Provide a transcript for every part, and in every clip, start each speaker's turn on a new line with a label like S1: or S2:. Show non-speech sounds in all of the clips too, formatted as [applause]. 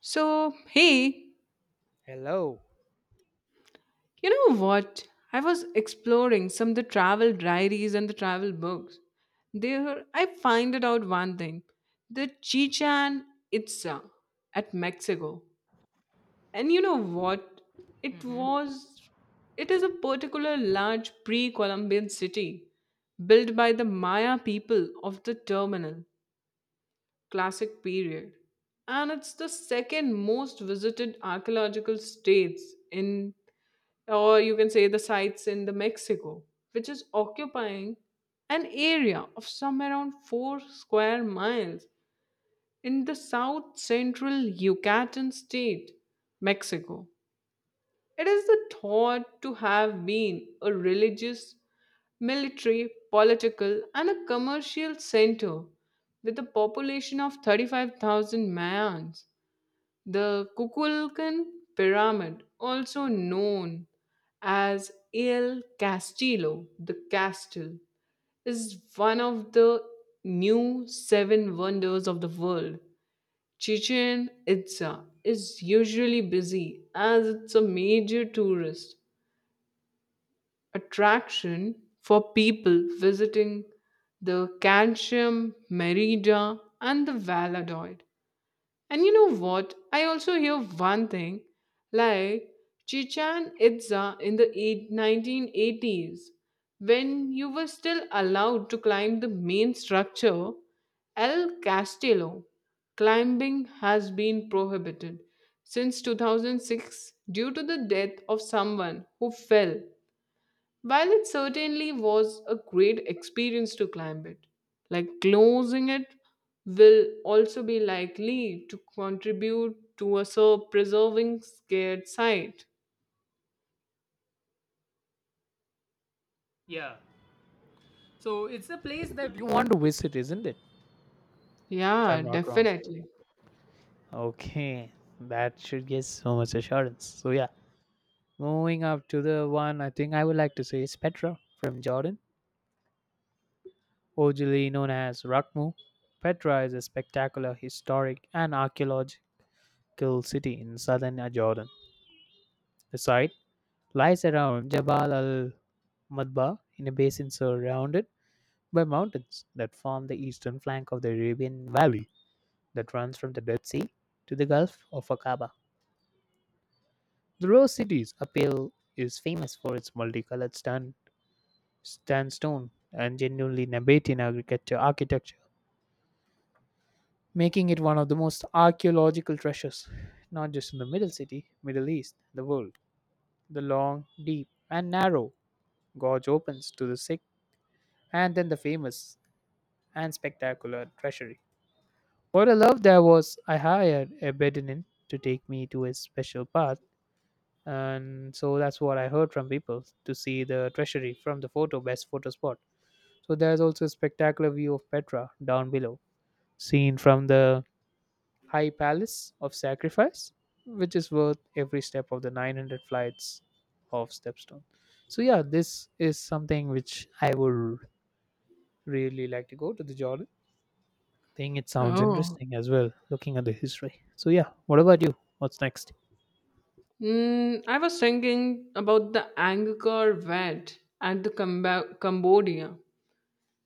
S1: So, hey,
S2: Hello.
S1: you know what? I was exploring some of the travel diaries and the travel books. There, I find it out one thing, the Chichen Itza at Mexico. And you know what? It was, it is a particular large pre Columbian city built by the Maya people of the terminal, classic period. And it's the second most visited archaeological states in, or you can say the sites in the Mexico, which is occupying an area of some around 4 square miles in the south central Yucatan state, Mexico. It is the thought to have been a religious, military, political, and a commercial center with a population of 35,000 Mayans. The Kukulkan Pyramid, also known as El Castillo, the castle, is one of the new seven wonders of the world. Chichen Itza is usually busy as it's a major tourist attraction for people visiting the Calcium, Merida, and the Valladolid. And you know what? I also hear one thing, like Chichen Itza in the 1980s, when you were still allowed to climb the main structure, El Castillo, climbing has been prohibited since 2006 due to the death of someone who fell. While it certainly was a great experience to climb it, like closing it will also be likely to contribute to a so preserving scared site.
S2: Yeah. So it's a place that you want to visit, isn't it? If I'm
S1: Yeah,
S2: not wrong.
S1: definitely.
S2: Okay. That should give so much assurance. So yeah. Moving up to the one I think I would like to say is Petra from Jordan, originally known as Rakmu. Petra is a spectacular historic and archaeological city in southern Jordan. The site lies around Jabal al Madba in a basin surrounded by mountains that form the eastern flank of the Arabian Valley that runs from the Dead Sea to the Gulf of Aqaba. The Rose City's appeal is famous for its multicolored sand, sandstone and genuinely Nabatean agriculture architecture, making it one of the most archaeological treasures, not just in the Middle East, the world. The long, deep, and narrow gorge opens to the sick, and then the famous and spectacular treasury. What I love, there was I hired a Bedouin to take me to a special path, and so that's what I heard from people, to see the treasury from the photo, best photo spot. So there's also a spectacular view of Petra down below, seen from the high palace of sacrifice, which is worth every step of the 900 flights of stepstone. So yeah, this is something which I would really like to go to, the Jordan thing. It sounds
S1: Oh.
S2: interesting as well, looking at the history. So yeah, what about you? What's next?
S1: I was thinking about the Angkor Wat at the Cambodia.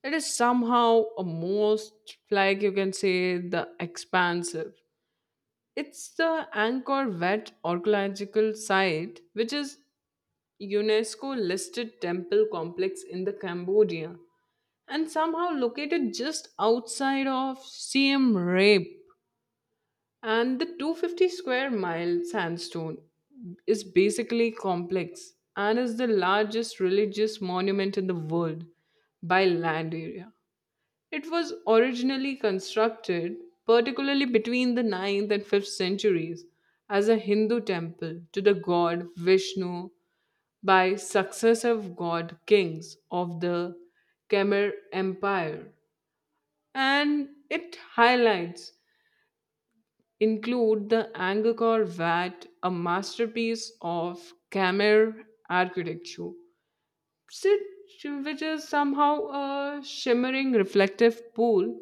S1: It is somehow a most, like you can say, the expansive. It's the Angkor Wat archaeological site, which is UNESCO listed temple complex in the Cambodia and somehow located just outside of Siem Reap. And the 250 square mile sandstone is basically complex and is the largest religious monument in the world by land area. It was originally constructed, particularly between the ninth and 5th centuries, as a Hindu temple to the god Vishnu by successive god kings of the Khmer Empire. And its highlights include the Angkor Wat, a masterpiece of Khmer architecture, sit- which is somehow a shimmering reflective pool.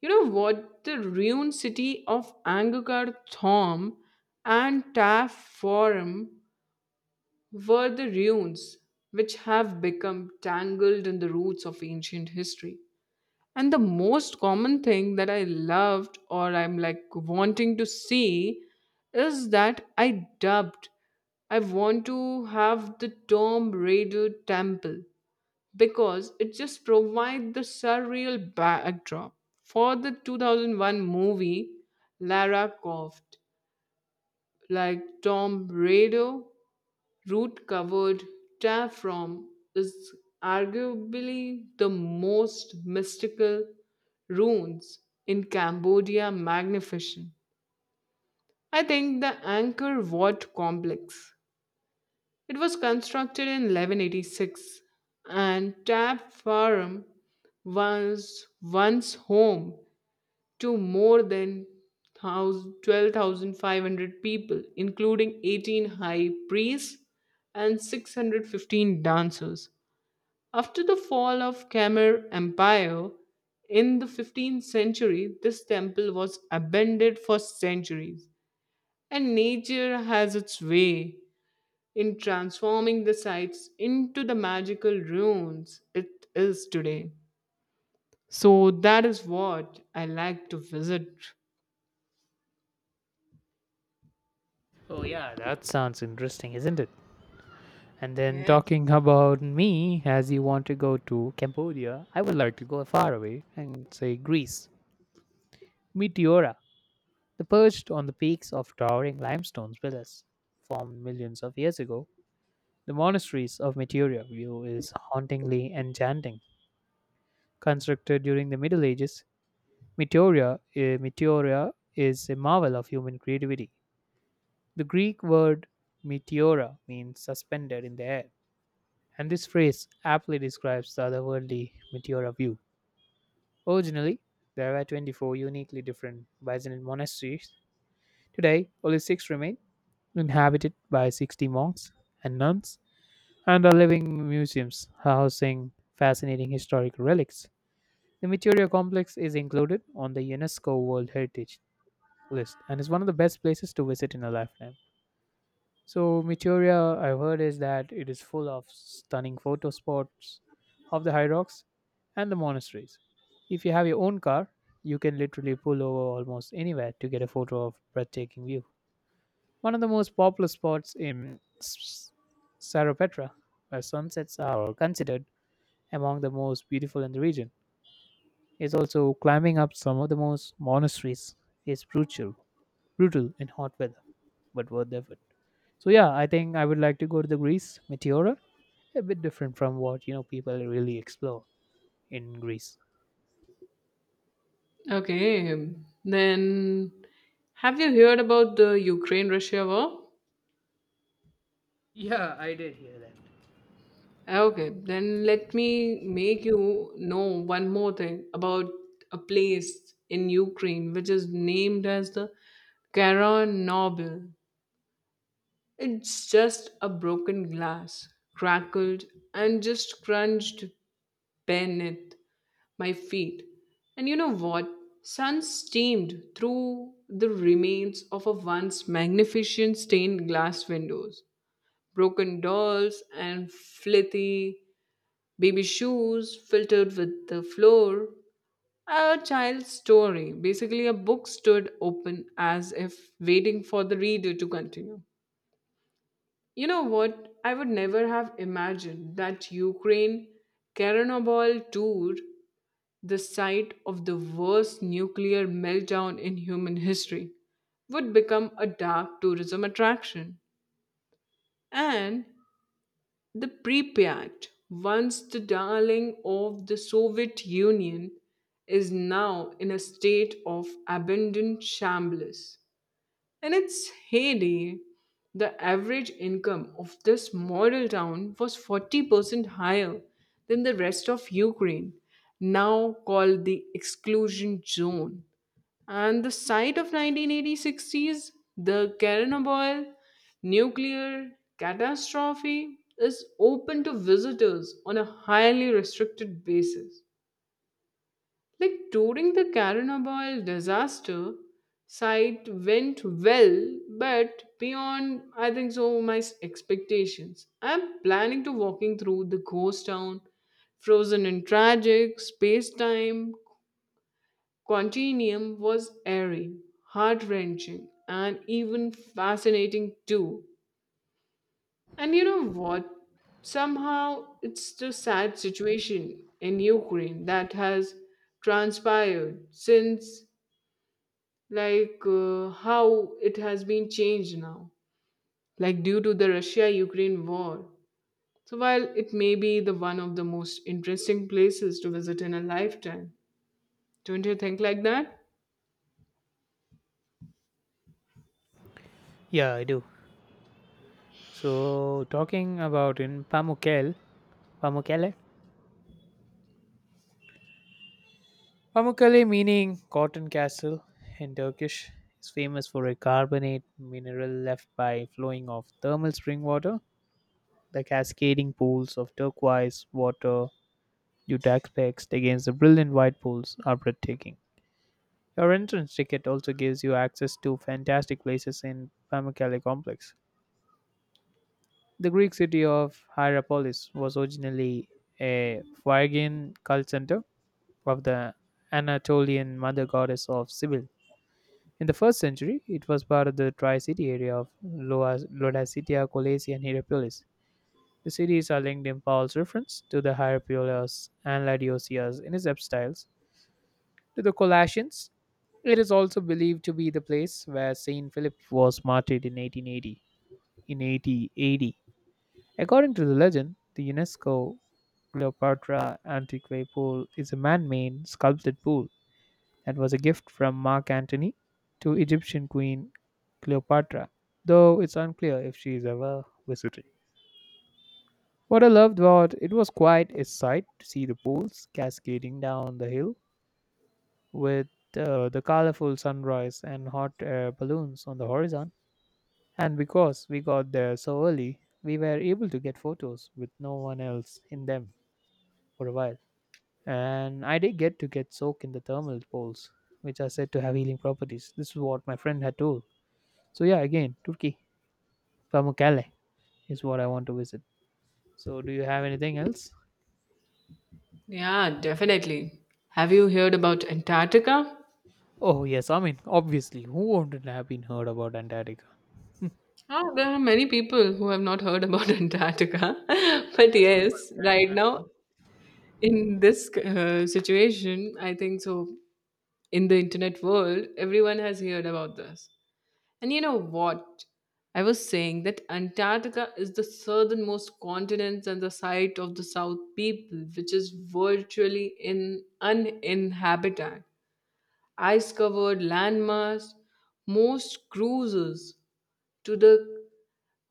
S1: You know what? The ruined city of Angkor Thom and Taff Forum were the ruins which have become tangled in the roots of ancient history. And the most common thing that I loved, or I'm like wanting to see, is that I dubbed I want to have the Tomb Raider temple, because it just provides the surreal backdrop for the 2001 movie Lara Croft, like Tom Raider. Root covered tear from is arguably the most mystical ruins in Cambodia. Magnificent. I think the Angkor Wat complex, it was constructed in 1186, and Tab Farm was once home to more than 12,500 people, including 18 high priests and 615 dancers. After the fall of Khmer Empire in the 15th century, this temple was abandoned for centuries, and nature has its way in transforming the sites into the magical ruins it is today. So that is what I like to visit.
S2: Oh yeah, that sounds interesting, isn't it? And then
S1: Yes.
S2: talking about me, as you want to go to Cambodia, I would like to go far away and say Greece. Meteora, the perched on the peaks of towering limestone pillars formed millions of years ago, the monasteries of Meteora view is hauntingly enchanting. Constructed during the Middle Ages, Meteoria is a marvel of human creativity. The Greek word meteora means suspended in the air. And this phrase aptly describes the otherworldly Meteora view. Originally, there were 24 uniquely different Byzantine monasteries. Today, only six remain, inhabited by 60 monks and nuns, and are living museums housing fascinating historic relics. The Meteora complex is included on the UNESCO World Heritage list and is one of the best places to visit in a lifetime. So Meteoria, I've heard, is that it is full of stunning photo spots of the high rocks and the monasteries. If you have your own car, you can literally pull over almost anywhere to get a photo of breathtaking view. One of the most popular spots in Sarapetra, where sunsets are considered among the most beautiful in the region, is also climbing up some of the most monasteries is brutal, brutal in hot weather, but worth the effort. So yeah, I think I would like to go to the Greece Meteora. A bit different from what, you know, people really explore in Greece.
S1: Okay, then have you heard about the Ukraine Russia war?
S2: Yeah, I did hear that.
S1: Okay, then let me make you know one more thing about a place in Ukraine which is named as the Kara Nobel. It's just a broken glass, crackled and just crunched beneath my feet. And you know what? Sun steamed through the remains of a once magnificent stained glass windows. Broken dolls and flithy baby shoes filtered with the floor. A child's story. Basically, a book stood open as if waiting for the reader to continue. You know what? I would never have imagined that Ukraine Chernobyl tour, the site of the worst nuclear meltdown in human history, would become a dark tourism attraction. And the Pripyat, once the darling of the Soviet Union, is now in a state of abandoned shambles. In its heyday, the average income of this model town was 40% higher than the rest of Ukraine, now called the exclusion zone. And the site of 1986 sees the Chernobyl nuclear catastrophe is open to visitors on a highly restricted basis. Like during the Carinaval disaster, site went well, but beyond I think so my expectations. I'm planning to walking through the ghost town, frozen in tragic space-time continuum was airy, heart-wrenching, and even fascinating too. And you know what? Somehow it's the sad situation in Ukraine that has transpired since, like how it has been changed now, like due to the russia ukraine war. So while it may be the one of the most interesting places to visit in a lifetime, don't you think like that?
S2: Yeah, I do. So talking about in Pamukkale, Pamukkale, Pamukkale meaning cotton castle in Turkish is famous for a carbonate mineral left by flowing of thermal spring water. The cascading pools of turquoise water due to aspects against the brilliant white pools are breathtaking. Your entrance ticket also gives you access to fantastic places in Pamukkale complex. The Greek city of Hierapolis was originally a Phrygian cult center of the Anatolian mother goddess of Sibyl. In the first century, it was part of the tri-city area of Laodicea, Colosse, and Hierapolis. The cities are linked in Paul's reference to the Hierapolis and Laodicea in his epistyles, to the Colossians. It is also believed to be the place where Saint Philip was martyred in 1880. In 80 AD. According to the legend, the UNESCO Cleopatra Antiquae Pool is a man made sculpted pool that was a gift from Mark Antony to Egyptian Queen Cleopatra, though it's unclear if she is ever visited. What I loved about it was quite a sight to see the pools cascading down the hill with the colorful sunrise and hot air balloons on the horizon. And because we got there so early, we were able to get photos with no one else in them for a while. And I did get to get soaked in the thermal pools, which are said to have healing properties. This is what my friend had told. So yeah, again, Turkey, Pamukkale is what I want to visit. So do you have anything else?
S1: Yeah, definitely. Have you heard about antarctica?
S2: Oh yes, I mean obviously, who wouldn't have been heard about Antarctica?
S1: Oh, there are many people who have not heard about [laughs] Antarctica. [laughs] But
S2: That's for the
S1: yes,
S2: first time.
S1: right
S2: I'm-
S1: now, in this situation, I think so. In the internet world, everyone has heard about this. And you know what? I was saying that Antarctica is the southernmost continent and the site of the South people, which is virtually in uninhabited, ice-covered landmass. Most cruises to the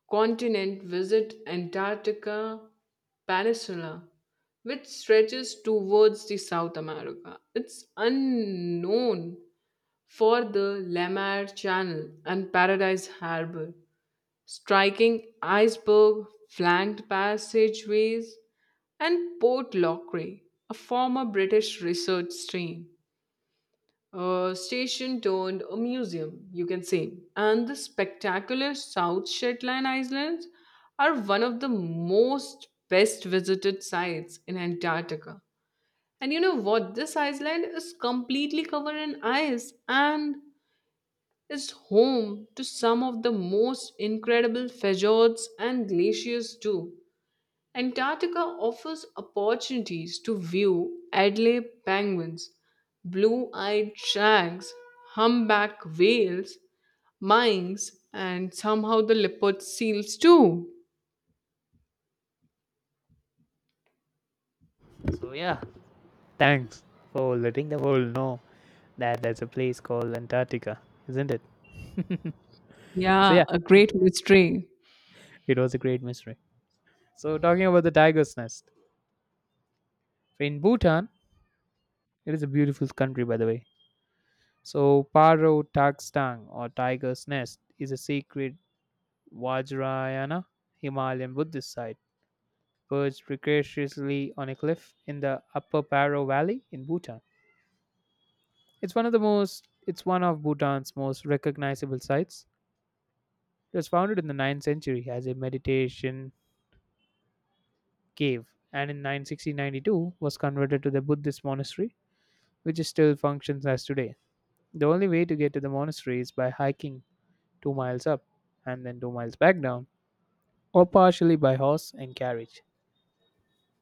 S1: continent visit Antarctica Peninsula, which stretches towards the South America. It's unknown for the La Mer Channel and Paradise Harbor, striking iceberg, flanked passageways, and Port Lockery, a former British research stream. A station turned a museum, you can say, and the spectacular South Shetland Islands are one of the most best visited sites in Antarctica. And you know what? This island is completely covered in ice and is home to some of the most incredible fjords and glaciers too. Antarctica offers opportunities to view Adelaide penguins, blue-eyed shags, humpback whales, minks, and somehow the leopard seals too.
S2: So yeah, thanks for letting the world know that there's a place called Antarctica, isn't it? So,
S1: Yeah,
S2: yeah,
S1: a great mystery.
S2: it was a great mystery. So, talking about the tiger's nest. In Bhutan, it is a beautiful country, by the way. So, Paro Takstang or Tiger's Nest is a sacred Vajrayana Himalayan Buddhist site perched precariously on a cliff in the upper Paro Valley in Bhutan. It's one of Bhutan's most recognizable sites. It was founded in the 9th century as a meditation cave and in 960 was converted to the Buddhist monastery, which still functions as today. The only way to get to the monastery is by hiking 2 miles up and then 2 miles back down or partially by horse and carriage.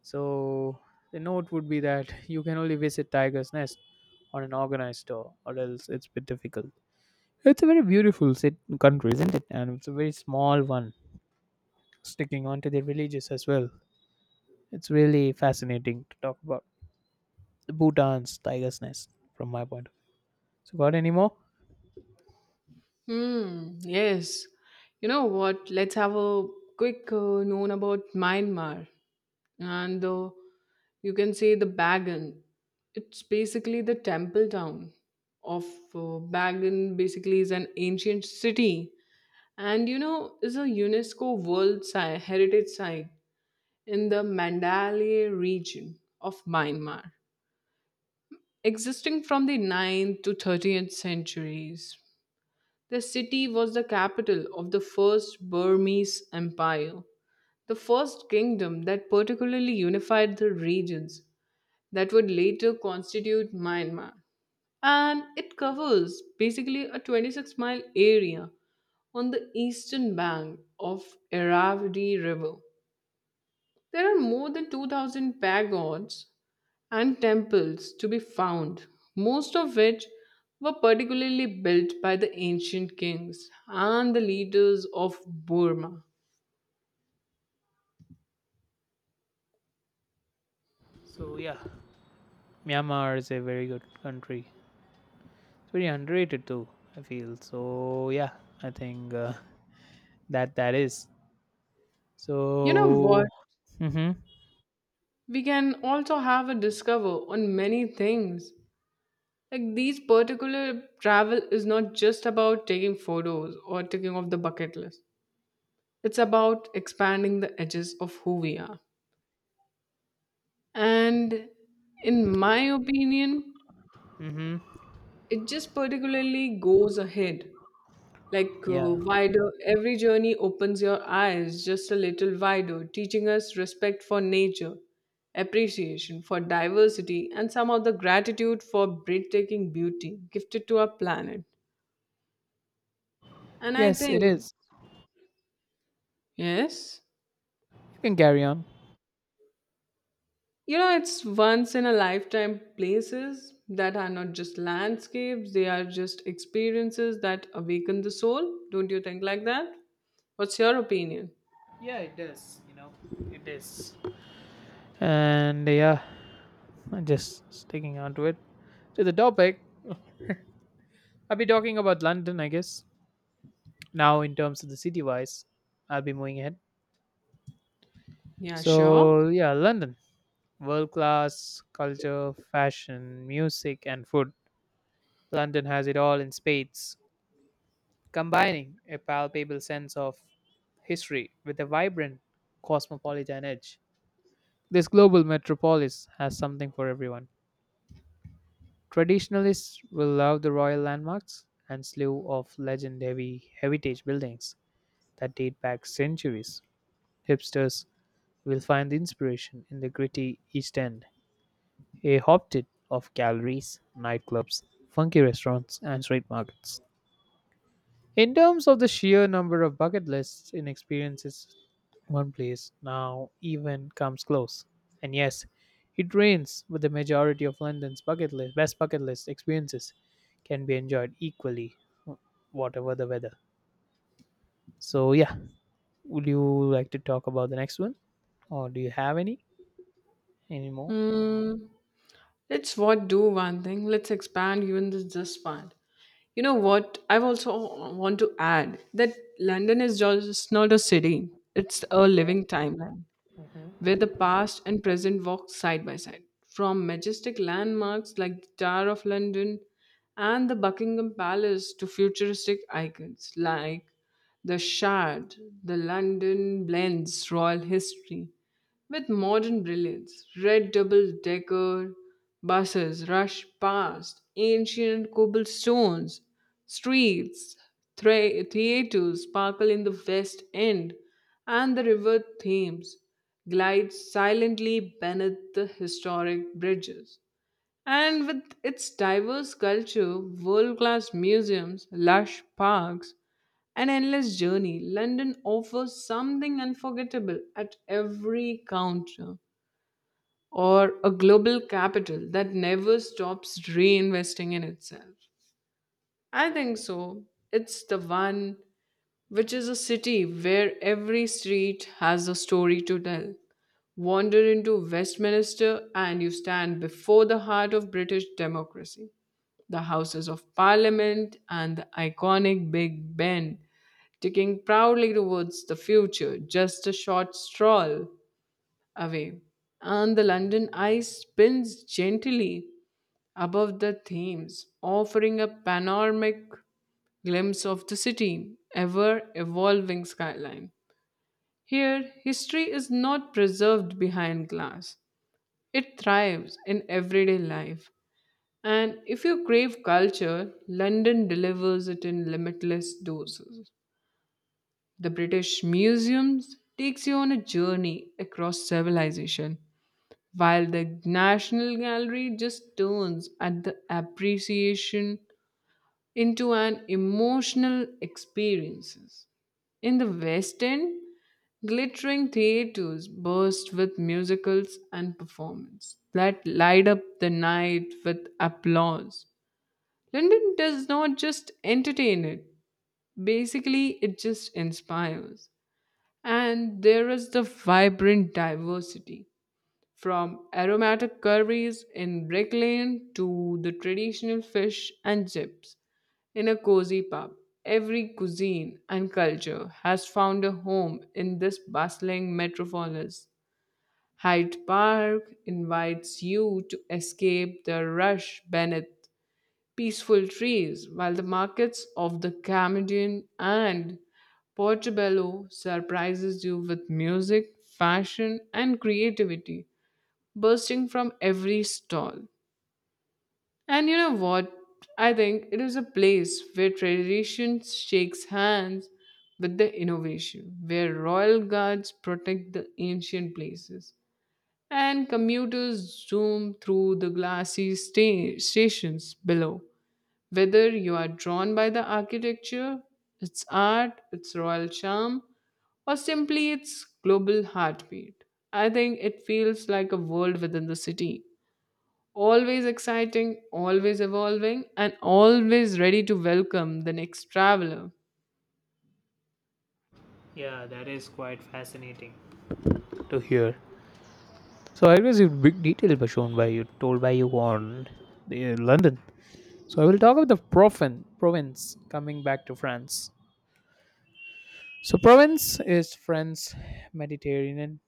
S2: So the note would be that you can only visit Tiger's Nest on an organized tour or else it's a bit difficult. It's a very beautiful country, isn't it? And it's a very small one. Sticking onto the villages as well. It's really fascinating to talk about. Bhutan's tiger's nest from my point of view. So got any more?
S1: Hmm, yes. You know what? Let's have a quick known about Myanmar, and the you can say the Bagan. It's basically the temple town of uh, Bagan. Basically, is an ancient city, and is a UNESCO World Heritage Site in the Mandalay region of Myanmar, existing from the ninth to 30th centuries. The city was the capital of the first Burmese Empire, the first kingdom that particularly unified the regions that would later constitute Myanmar. And it covers basically a 26-mile area on the eastern bank of Irrawaddy River. There are more than 2000 pagods and temples to be found, most of which were particularly built by the ancient kings and the leaders of Burma.
S2: So yeah, Myanmar is a very good country. It's very underrated too. I feel so. Yeah, I think that is
S1: You know
S2: so.
S1: what?
S2: Mhm.
S1: We can also have a discover on many things, like these particular travel is not just about taking photos or taking off the bucket list. It's about expanding the edges of who we are. And in my opinion,
S2: Mhm.
S1: it just particularly goes ahead, like
S2: Yeah.
S1: wider. Every journey opens your eyes just a little wider, teaching us respect for nature, appreciation for diversity, and somehow the gratitude for breathtaking beauty gifted to our planet. And I
S2: Yes, it
S1: think
S2: is.
S1: yes.
S2: You can carry on.
S1: It's once in a lifetime places that are not just landscapes, they are just experiences that awaken the soul. Don't you think like that? What's your opinion?
S2: Yeah, it does. You know, it is. And yeah, I'm just sticking onto it. To the topic, I'll be talking about London, I guess. Now, in terms of the city wise, I'll be moving ahead.
S1: Yeah, sure.
S2: So yeah, London, world class culture, fashion, music, and food. London has it all in spades, combining a palpable sense of history with a vibrant cosmopolitan edge. This global metropolis has something for everyone. Traditionalists will love the royal landmarks and slew of legend-heavy heritage buildings that date back centuries. Hipsters will find the inspiration in the gritty East End, a hotbed of galleries, nightclubs, funky restaurants, and street markets. In terms of the sheer number of bucket lists and experiences, one place now even comes close. And yes, it rains, but the majority of London's bucket list, best bucket list experiences can be enjoyed equally, whatever the weather. So, yeah, would you like to talk about the next one? Or do you have any? Any more?
S1: Mm, let's what do one thing. Let's expand even this part. You know what? I also want to add that London is just not a city; it's a
S2: Okay.
S1: living timeline,
S2: Hmm.
S1: where the past and present walk side by side. From majestic landmarks like the Tower of London and the Buckingham Palace to futuristic icons like the Shard, the London blends royal history with modern brilliance. Red double decker buses rush past ancient cobblestones, streets, theaters sparkle in the West End, and the River Thames glides silently beneath the historic bridges. And with its diverse culture, world class museums, lush parks, and endless journey, London offers something unforgettable at every counter, or a global capital that never stops reinvesting in itself. I think so. It's the one which is a city where every street has a story to tell. Wander into Westminster and you stand before the heart of British democracy, the Houses of Parliament and the iconic Big Ben, ticking proudly towards the future, just a short stroll away. And the London Eye spins gently above the Thames, offering a panoramic glimpse of the city, ever evolving skyline. Here, history is not preserved behind glass, it thrives in everyday life. And if you crave culture, London delivers it in limitless doses. The British Museums takes you on a journey across civilization, while the National Gallery just turns at the appreciation into an emotional experiences. In the West End, glittering theaters burst with musicals and performance that light up the night with applause. London does not just entertain it, basically, it just inspires. And there is the vibrant diversity, from aromatic curries in Brick Lane to the traditional fish and chips in a cozy pub. Every cuisine and culture has found a home in this bustling metropolis. Hyde Park invites you to escape the rush beneath peaceful trees, while the markets of the Camden and Portobello surprises you with music, fashion, and creativity bursting from every stall. And you know what? I think it is a place where tradition shakes hands with the innovation, where royal guards protect the ancient places, and commuters zoom through the glassy stations below. Whether you are drawn by the architecture, its art, its royal charm, or simply its global heartbeat, I think it feels like a world within the city, always exciting, always evolving, and always ready to welcome the next traveler.
S2: Yeah, that is quite fascinating to hear. So I was in big detail by shown by you, told by you on the, London. So I will talk about the Proven province coming back to France. So Provence is France's Mediterranean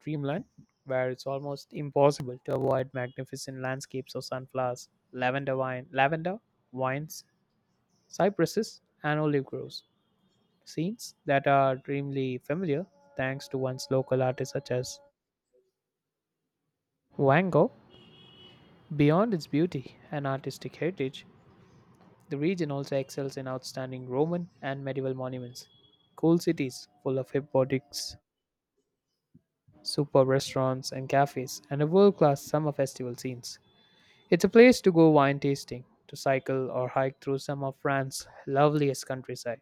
S2: dreamland, where it's almost impossible to avoid magnificent landscapes of sunflowers, lavender wines, cypresses, and olive groves. Scenes that are dreamily familiar thanks to one's local artists such as Van Gogh. Beyond its beauty and artistic heritage, the region also excels in outstanding Roman and medieval monuments, cool cities full of hip boutiques, superb restaurants and cafes, and a world class summer festival scenes. It's a place to go wine tasting, to cycle or hike through some of France's loveliest countryside,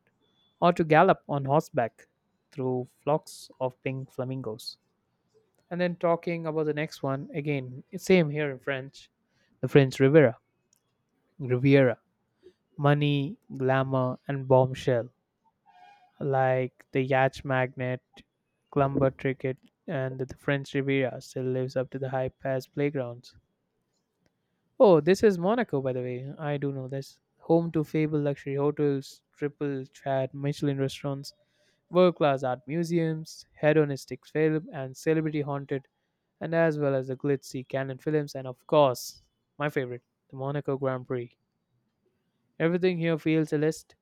S2: or to gallop on horseback through flocks of pink flamingos. And then talking about the next one, again, same here in French, the French Riviera. Riviera money, glamour, and bombshell. Like the yacht Magnet, Clumber Cricket, and the French Riviera still lives up to the hype as playgrounds. Oh, this is Monaco, by the way. I do know this. Home to fabled luxury hotels, triple chat Michelin restaurants, world class art museums, hedonistic film, and celebrity haunted, and as well as the glitzy Canon films, and of course, my favorite, the Monaco Grand Prix. Everything here feels a list.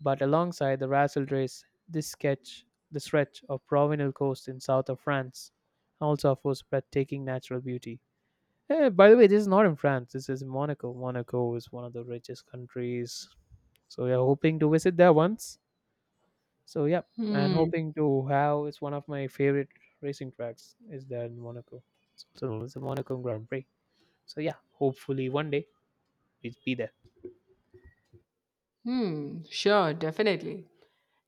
S2: But alongside the Rassel race, this sketch, the stretch of Provenal coast in south of France, also offers breathtaking natural beauty. Eh, by the way, this is not in France. This is in Monaco. Monaco is one of the richest countries. So we are hoping to visit there once. So yeah, and
S1: Hmm.
S2: hoping to have, it's one of my favorite racing tracks is there in Monaco. So it's the Monaco Grand Prix. So yeah, hopefully one day we'll be there.
S1: Hmm. Sure, definitely.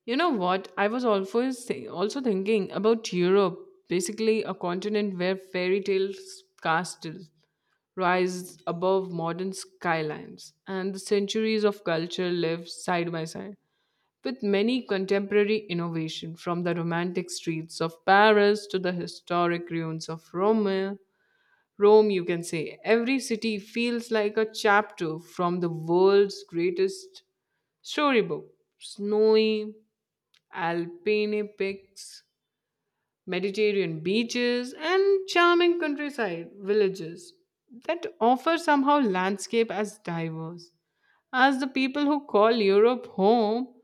S1: You know what? I was always also thinking about Europe, basically a continent where fairy tales castles rise above modern skylines, and the centuries of culture live side by side. With many contemporary innovation, from the romantic streets of Paris to the historic ruins of Rome, you can say. Every city feels like a chapter from the world's greatest storybook. Snowy Alpine peaks, Mediterranean beaches, and charming countryside villages that offer somehow landscape as diverse as the people who call Europe home,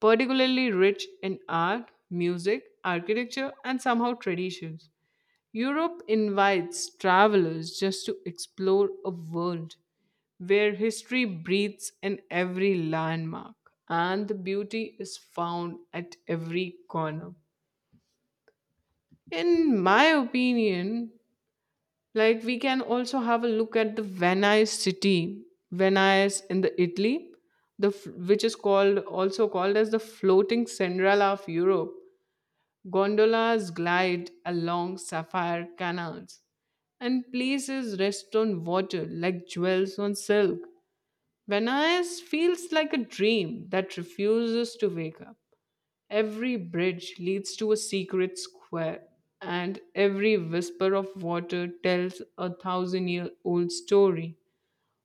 S1: particularly rich in art, music, architecture, and somehow traditions. Europe invites travelers just to explore a world where history breathes in every landmark and the beauty is found at every corner. In my opinion, like we can also have a look at the Venice city, Venice in the Italy, the which is called also called as the floating Cinderella of Europe. Gondolas glide along sapphire canals, and places rest on water like jewels on silk. Venice feels like a dream that refuses to wake up. Every bridge leads to a secret square, and every whisper of water tells a thousand year old story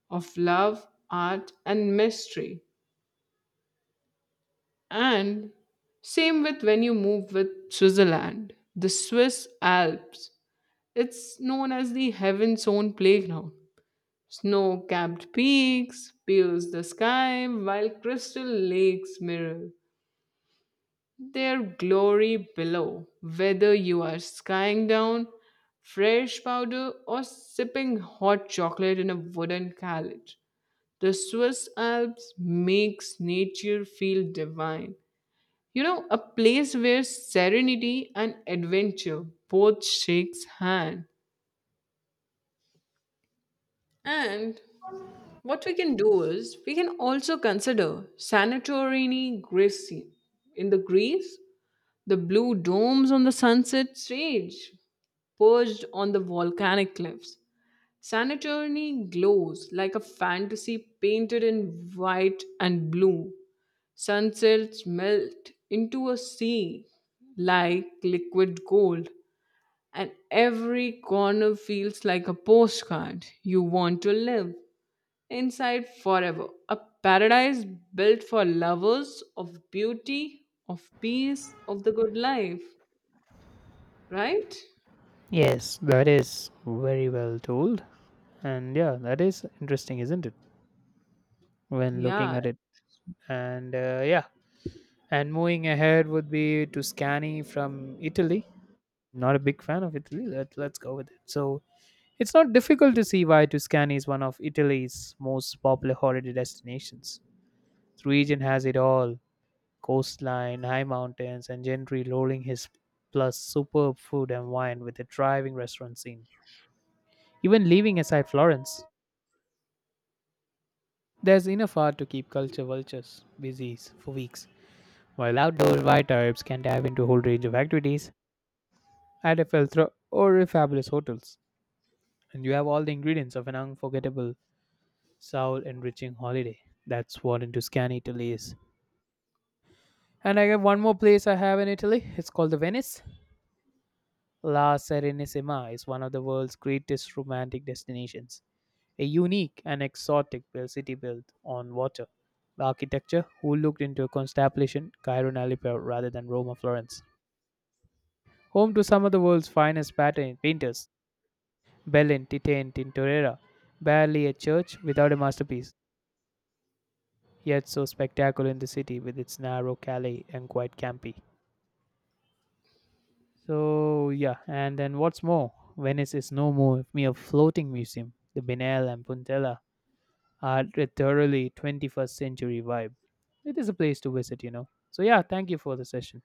S1: of love, art, and mystery. And same with when you move with Switzerland, the Swiss Alps. It's known as the heaven's own playground. Snow capped peaks pierce the sky while crystal lakes mirror their glory below. Whether you are skying down fresh powder or sipping hot chocolate in a wooden carriage, the Swiss Alps makes nature feel divine. A place where serenity and adventure both shakes hand. And what we can do is we can also consider Santorini, Greece, in the Greece, the blue domes on the sunset stage perched on the volcanic cliffs. Santorini glows like a fantasy painted in white and blue. Sunsets melt into a sea like liquid gold, and every corner feels like a postcard you want to live inside forever. A paradise built for lovers of beauty, of peace, of the good life, right?
S2: Yes, that is very well told. And yeah, that is interesting, isn't it? When looking
S1: Yeah,
S2: at it. And yeah, and moving ahead would be to Scanny from Italy. Not a big fan of Italy. Let's go with it. So it's not difficult to see why Tuscany is one of Italy's most popular holiday destinations. The region has it all, coastline, high mountains, and gentry rolling his, plus superb food and wine with a thriving restaurant scene. Even leaving aside Florence, there's enough art to keep culture vultures busy for weeks, while outdoor white types can dive into a whole range of activities at a Felthra or a fabulous hotels. And you have all the ingredients of an unforgettable, soul enriching holiday. That's what into Scan Italy is. And I have one more place I have in Italy. It's called the Venice. La Serenissima is one of the world's greatest romantic destinations, a unique and exotic city built on water. The architecture who looked into Constantinople, Cairo, and Aleppo rather than Rome or Florence. Home to some of the world's finest pattern painters, Bellin, Titian, Tintorera, barely a church without a masterpiece, yet so spectacular in the city with its narrow calle and quite campy. So yeah, and then what's more, Venice is no more mere floating museum. The Biennale and Puntella had a thoroughly 21st century vibe. It is a place to visit, you know. So, yeah, thank you for the session.